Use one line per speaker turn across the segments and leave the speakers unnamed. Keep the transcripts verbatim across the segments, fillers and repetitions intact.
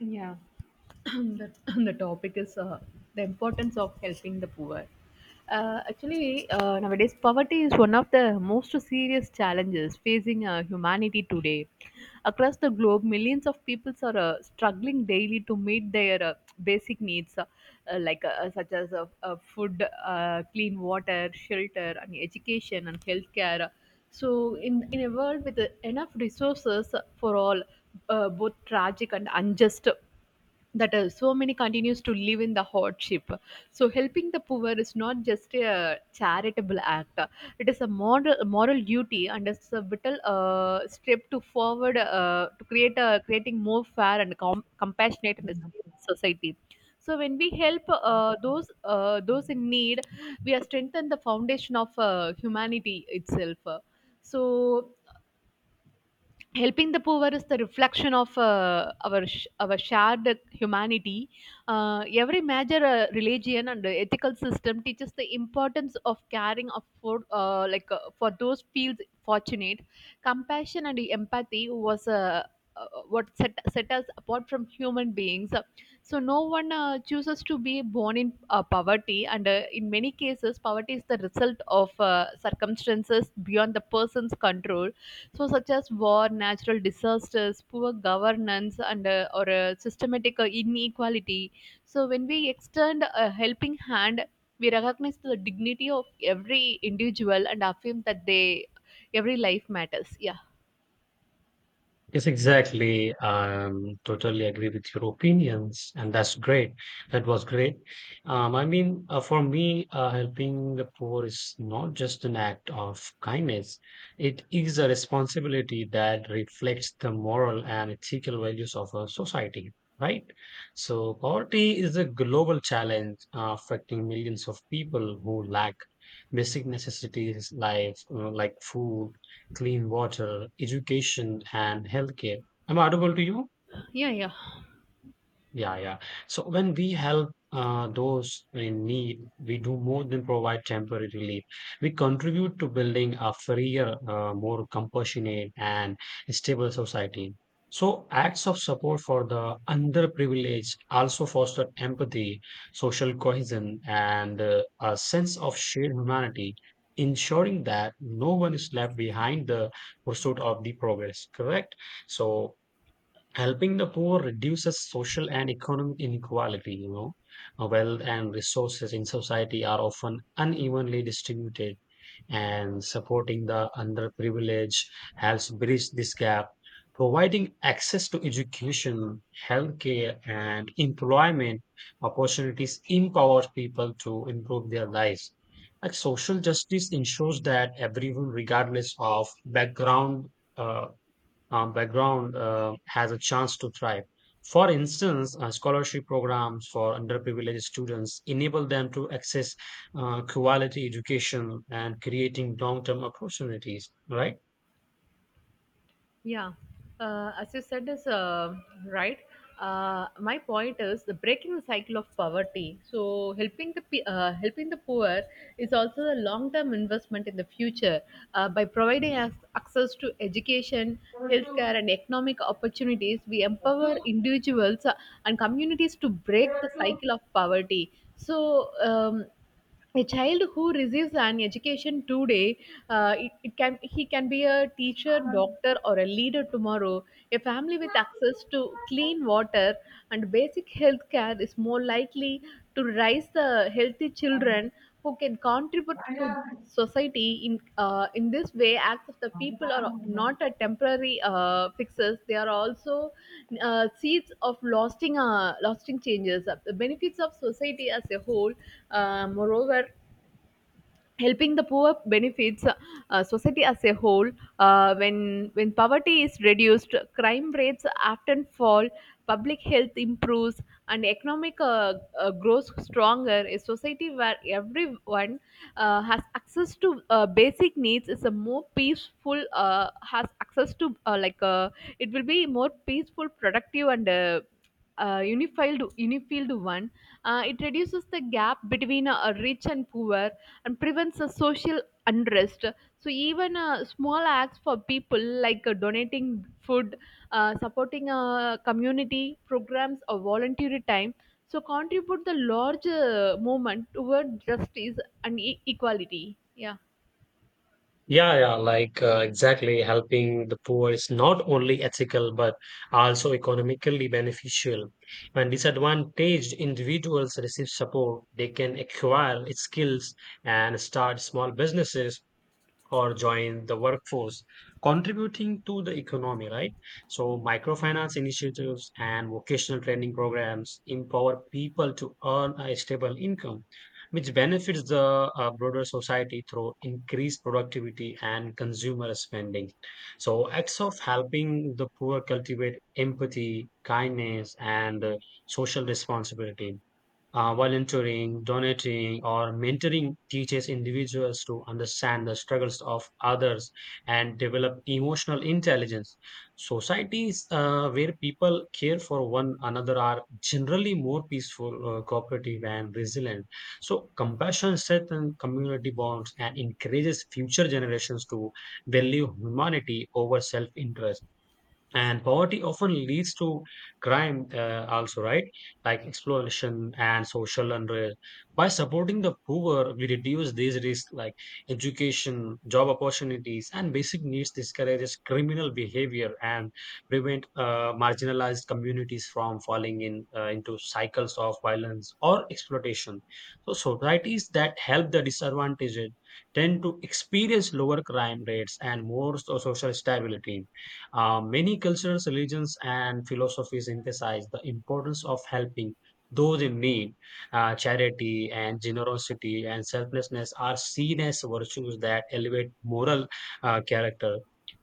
Yeah, the, the topic is uh, the importance of helping the poor. Uh, actually, uh, nowadays, poverty is one of the most serious challenges facing uh, humanity today. Across the globe, millions of people are uh, struggling daily to meet their uh, basic needs, uh, uh, like uh, such as uh, uh, food, uh, clean water, shelter, and education and healthcare. So, in, in a world with uh, enough resources for all, uh, both tragic and unjust that uh, so many continues to live in the hardship. So helping the poor is not just a charitable act, it is a moral, moral duty, and it's a vital uh, step to forward uh, to create a creating more fair and com- compassionate and stable society. So when we help uh, those uh, those in need, we are strengthen the foundation of uh, humanity itself. So helping the poor is the reflection of uh, our sh- our shared humanity. Uh, every major uh, religion and ethical system teaches the importance of caring of for uh, like uh, for those feels fortunate. Compassion and empathy was uh, uh, what set, set us apart from human beings. So no one uh, chooses to be born in uh, poverty, and uh, in many cases poverty is the result of uh, circumstances beyond the person's control, so, such as war, natural disasters, poor governance, and uh, or uh, systematic uh, inequality. So, when we extend a helping hand, we recognize the dignity of every individual and affirm that they every life matters. Yeah,
Yes, exactly. Um, totally agree with your opinions, and that's great. That was great. Um, I mean, uh, for me, uh, helping the poor is not just an act of kindness. It is a responsibility that reflects the moral and ethical values of a society, right? So, poverty is a global challenge uh, affecting millions of people who lack basic necessities like, uh, like food, clean water, education, and healthcare. Am I audible to you?
yeah, yeah.
Yeah, yeah. So when we help uh, those in need, we do more than provide temporary relief. We contribute to building a freer, uh, more compassionate, and stable society. So acts of support for the underprivileged also foster empathy, social cohesion, and uh, a sense of shared humanity, ensuring that no one is left behind the pursuit of the progress. Correct? So helping the poor reduces social and economic inequality you know Uh, wealth and resources in society are often unevenly distributed, and supporting the underprivileged helps bridge this gap, providing access to education, healthcare, and employment opportunities, empowers people to improve their lives, like social justice ensures that everyone regardless of background uh, um, background uh, has a chance to thrive. For instance, uh, scholarship programs for underprivileged students enable them to access uh, quality education and creating long term opportunities, right?
Yeah, uh, as you said is uh, right. Uh, my point is the breaking the cycle of poverty. So helping the pe- uh, helping the poor is also a long term investment in the future, uh, by providing us access to education, healthcare, and economic opportunities. We empower individuals uh, and communities to break the cycle of poverty. So um, a child who receives an education today, uh, it, it can he can be a teacher doctor or a leader tomorrow. A family with access to clean water and basic health care is more likely to raise the healthy children who can contribute to society in uh, in this way. Acts of the people are not a temporary uh, fixes, they are also uh, seeds of lasting uh, lasting changes the benefits of society as a whole. Uh, moreover helping the poor benefits uh, uh, society as a whole. Uh, when when poverty is reduced, crime rates often fall, public health improves, and economic uh, uh, grows stronger. A society where everyone uh, has access to uh, basic needs is a more peaceful uh, Has access to uh, like uh, it will be more peaceful, productive, and uh, uh, unified unified one. Uh, it reduces the gap between uh, rich and poor, and prevents a social unrest. So even uh, small acts for people, like uh, donating food, uh, supporting a community programs or voluntary time, so contribute the large uh, movement toward justice and e- equality. Yeah.
Yeah, yeah, like uh, exactly. Helping the poor is not only ethical but also economically beneficial. When disadvantaged individuals receive support, they can acquire skills and start small businesses or join the workforce, contributing to the economy, right? So, microfinance initiatives and vocational training programs empower people to earn a stable income, which benefits the uh, broader society through increased productivity and consumer spending. So, acts of helping the poor cultivate empathy, kindness, and uh, social responsibility. Uh, volunteering, donating, or mentoring teaches individuals to understand the struggles of others and develop emotional intelligence. Societies uh, where people care for one another are generally more peaceful, uh, cooperative, and resilient. So, compassion strengthens community bonds and encourages future generations to value humanity over self interest, and poverty often leads to crime, uh, also, right, like exploitation and social unrest. By supporting the poor we reduce these risks, like education, job opportunities, and basic needs discourages criminal behavior and prevent uh, marginalized communities from falling in uh, into cycles of violence or exploitation. So societies that help the disadvantaged tend to experience lower crime rates and more so- social stability. Uh, many cultures, religions, and philosophies emphasize the importance of helping those in need. Uh, charity and generosity and selflessness are seen as virtues that elevate moral uh, character.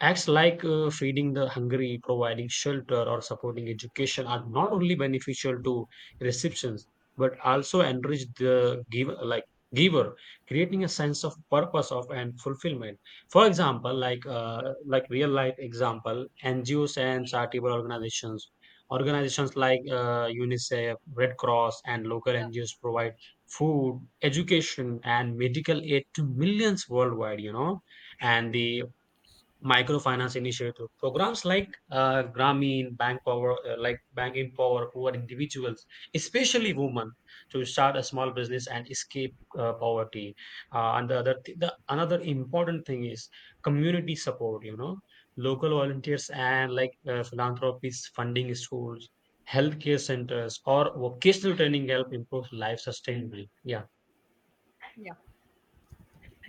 Acts like uh, feeding the hungry, providing shelter, or supporting education are not only beneficial to recipients but also enrich the giver, like giver, creating a sense of purpose of and fulfillment. For example, like uh, like real life example, N G Os and charitable organizations, organizations like uh, UNICEF, Red Cross, and local N G Os provide food, education, and medical aid to millions worldwide. You know and the microfinance initiative programs like uh, Grameen, Bank Power, uh, like Bank in Power, who are individuals, especially women, to start a small business and escape uh, poverty. Uh, and the other, th- the another important thing is community support. You know, local volunteers and like uh, philanthropists funding schools, healthcare centers, or vocational training help improve life sustainably. Yeah.
Yeah.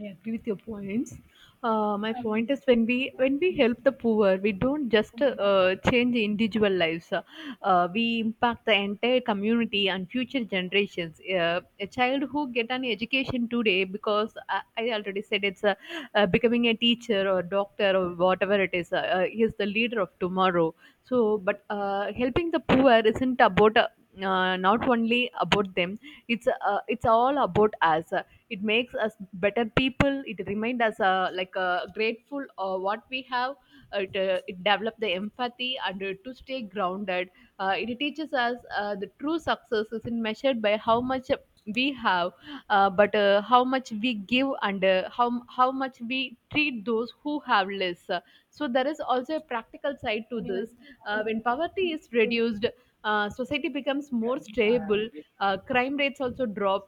I agree with your points. Uh, my point is when we when we help the poor, we don't just uh, change individual lives. Uh, uh, we impact the entire community and future generations. Uh, a child who get an education today, because I, I already said it's uh, uh, becoming a teacher or doctor or whatever it is, uh, uh, he is the leader of tomorrow. So, but uh, helping the poor isn't about. Uh, uh, not only about them, it's uh, it's all about us. It makes us better people. It remind us uh, like uh, grateful uh, what we have. It, uh, it develop the empathy and uh, to stay grounded. Uh, it teaches us uh, the true success isn't measured by how much we have, uh, but uh, how much we give, and uh, how how much we treat those who have less. So there is also a practical side to this. Uh, when poverty is reduced, uh, society becomes more stable, uh, crime rates also drop,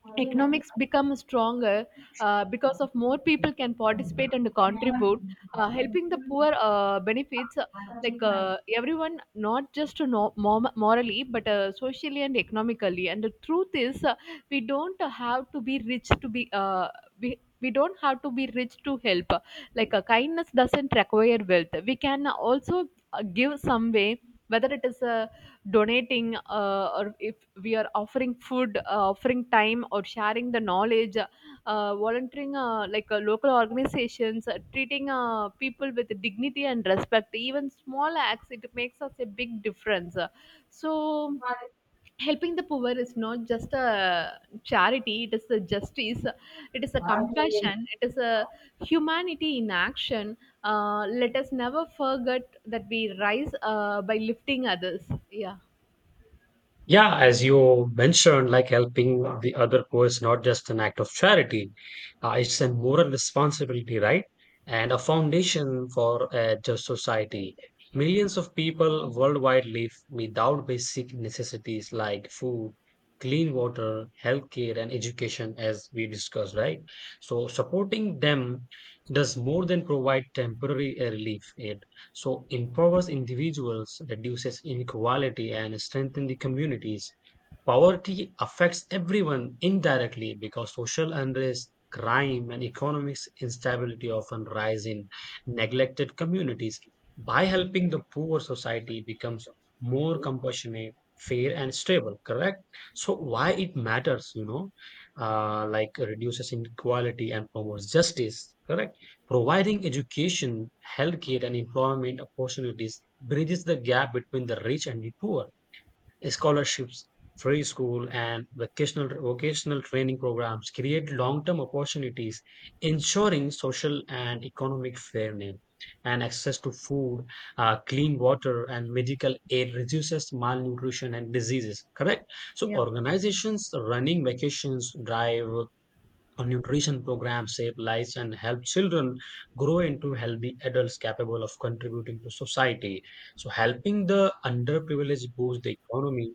我另外的
economics become stronger, uh,
朋
because
友，
of more people can participate and contribute. Uh, helping the poor uh, benefits uh, like uh, everyone, not just to know mom- morally but uh, socially and economically. And the truth is uh, we don't have to be rich to be uh, we, we don't have to be rich to help. Like uh, kindness doesn't require wealth. We can also uh, give some way, whether it is a donating uh, or if we are offering food, uh, offering time or sharing the knowledge, uh, volunteering, uh, like uh, local organizations, uh, treating uh, people with dignity and respect. Even small acts it makes us a big difference. So
花的。
helping the poor is not just a charity, it is a justice, it is a compassion, it is a humanity in action. Uh, let us never forget that we rise uh, by lifting others. Yeah.
Yeah, as you mentioned, like helping the other co is not just an act of charity, uh, it's a moral responsibility, right? And a foundation for a just society. Millions of people worldwide live without basic necessities like food, clean water, healthcare, and education, as we discussed, right? So, supporting them does more than provide temporary uh, relief. Eh, so empowers individuals, reduces inequality, and strengthens the communities. Poverty affects everyone indirectly because social unrest, crime, and economic instability often rise in neglected communities. By helping the poor, society becomes more compassionate, fair, and stable. Correct. So why it matters, you know, uh, like reduces inequality and promotes justice. Correct. Providing education, healthcare, and employment opportunities bridges the gap between the rich and the poor. Scholarships, free school, and vocational, vocational training programs create long term opportunities, ensuring social and economic fairness. And access to food, uh, clean water, and medical aid reduces malnutrition and diseases. Correct? So,
Yeah.
organizations running vacations drive nutrition programs save lives and help children grow into healthy adults capable of contributing to society. So, helping the underprivileged boost the economy.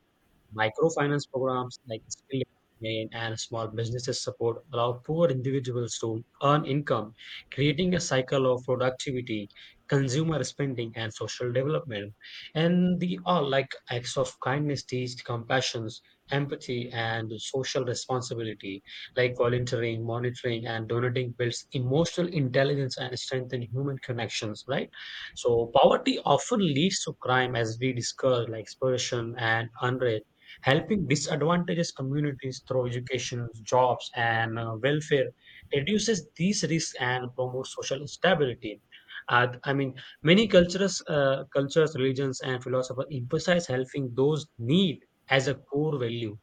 Microfinance programs like Skill Main and small businesses support allow poor individuals to earn income, creating a cycle of productivity, consumer spending, and social development. And the all like acts of kindness teach compassion, empathy, and social responsibility, like volunteering, monitoring, and donating builds emotional intelligence and strengthen human connections, right? So poverty often leads to crime as we discussed, like exploitation and unrest, helping disadvantaged communities through education, jobs, and uh, welfare reduces these risks and promotes social stability. Uh, I mean, Many cultures, uh, cultures, religions, and philosophers emphasize helping those need as a core value.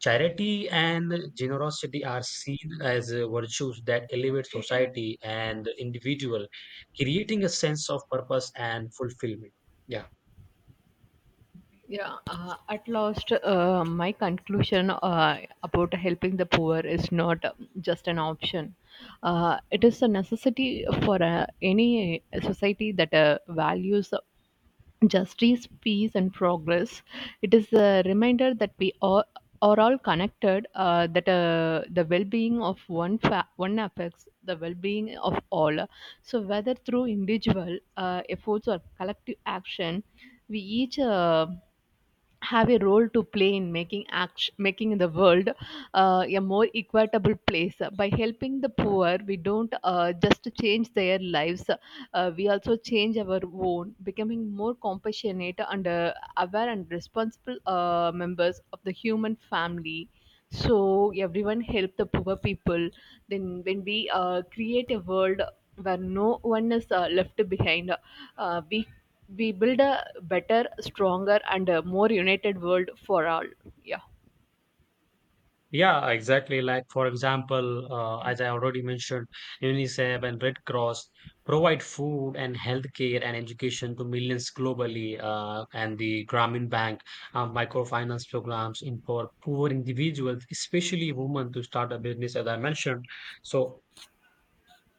Charity and generosity are seen as uh, virtues that elevate society and the individual, creating a sense of purpose and fulfillment. Yeah.
Yeah, uh, at last, uh, my conclusion uh, about helping the poor is not um, just an option. Uh, it is a necessity for uh, any society that uh, values justice, peace, and progress. It is a reminder that we are, are all connected, uh, that uh, the well being of one, fa- one affects the well being of all. So, whether through individual uh, efforts or collective action, we each uh, have a role to play in making action, making the world uh, a more equitable place. By helping the poor we don't uh, just change their lives, uh, we also change our own, becoming more compassionate and uh, aware and responsible uh, members of the human family. So everyone help the poor people, then when we uh, create a world where no one is uh, left behind, uh, we we build a better stronger and a more united world for all. Yeah.
Yeah, exactly. Like, for example, uh, as I already mentioned, UNICEF and Red Cross provide food and healthcare and education to millions globally, uh, and the Grameen Bank uh, microfinance programs in for poor individuals, especially women, to start a business, as I mentioned. So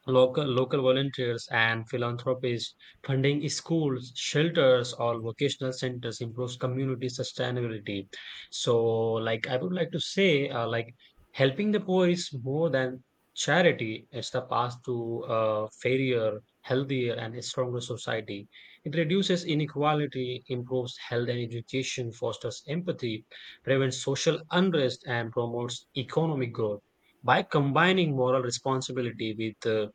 Local, local volunteers and philanthropists funding schools, shelters, or vocational centers improves community sustainability. So, like I would like to say, uh, like helping the poor is more than charity. It's the path to a fairer, healthier, and a stronger society. It reduces inequality, improves health and education, fosters empathy, prevents social unrest, and promotes economic growth by combining moral responsibility with uh,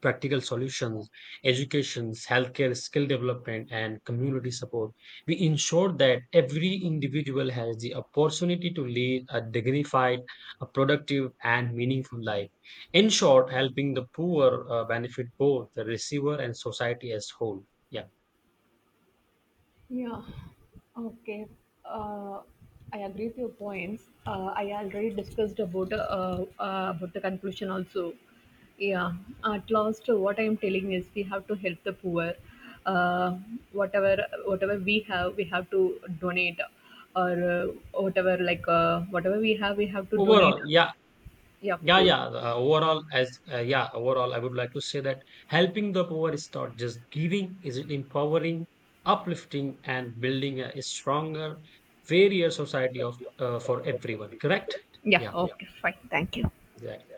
practical solutions, education, healthcare, skill development, and community support. We ensure that every individual has the opportunity to lead a dignified, a productive, and meaningful life. In short, helping the poor uh, benefit both the receiver and society as whole. Yeah.
Yeah. Okay. Uh, I agree with your points. Uh, I already discussed about uh, uh, about the conclusion also. Yeah. At last, what I am telling is we have to help the poor. Uh, Whatever whatever we have, we have to donate, or uh, whatever like uh, whatever we have, we have to donate.
Overall, yeah,
Yeah, of
yeah,
course.
yeah. Uh, overall, as uh, yeah, overall, I would like to say that helping the poor is not just giving; is it empowering, uplifting, and building a, a stronger, fairer society of uh, for everyone. Correct?
Yeah.
Yeah,
Yeah. Okay. Fine. Thank you.
exactly.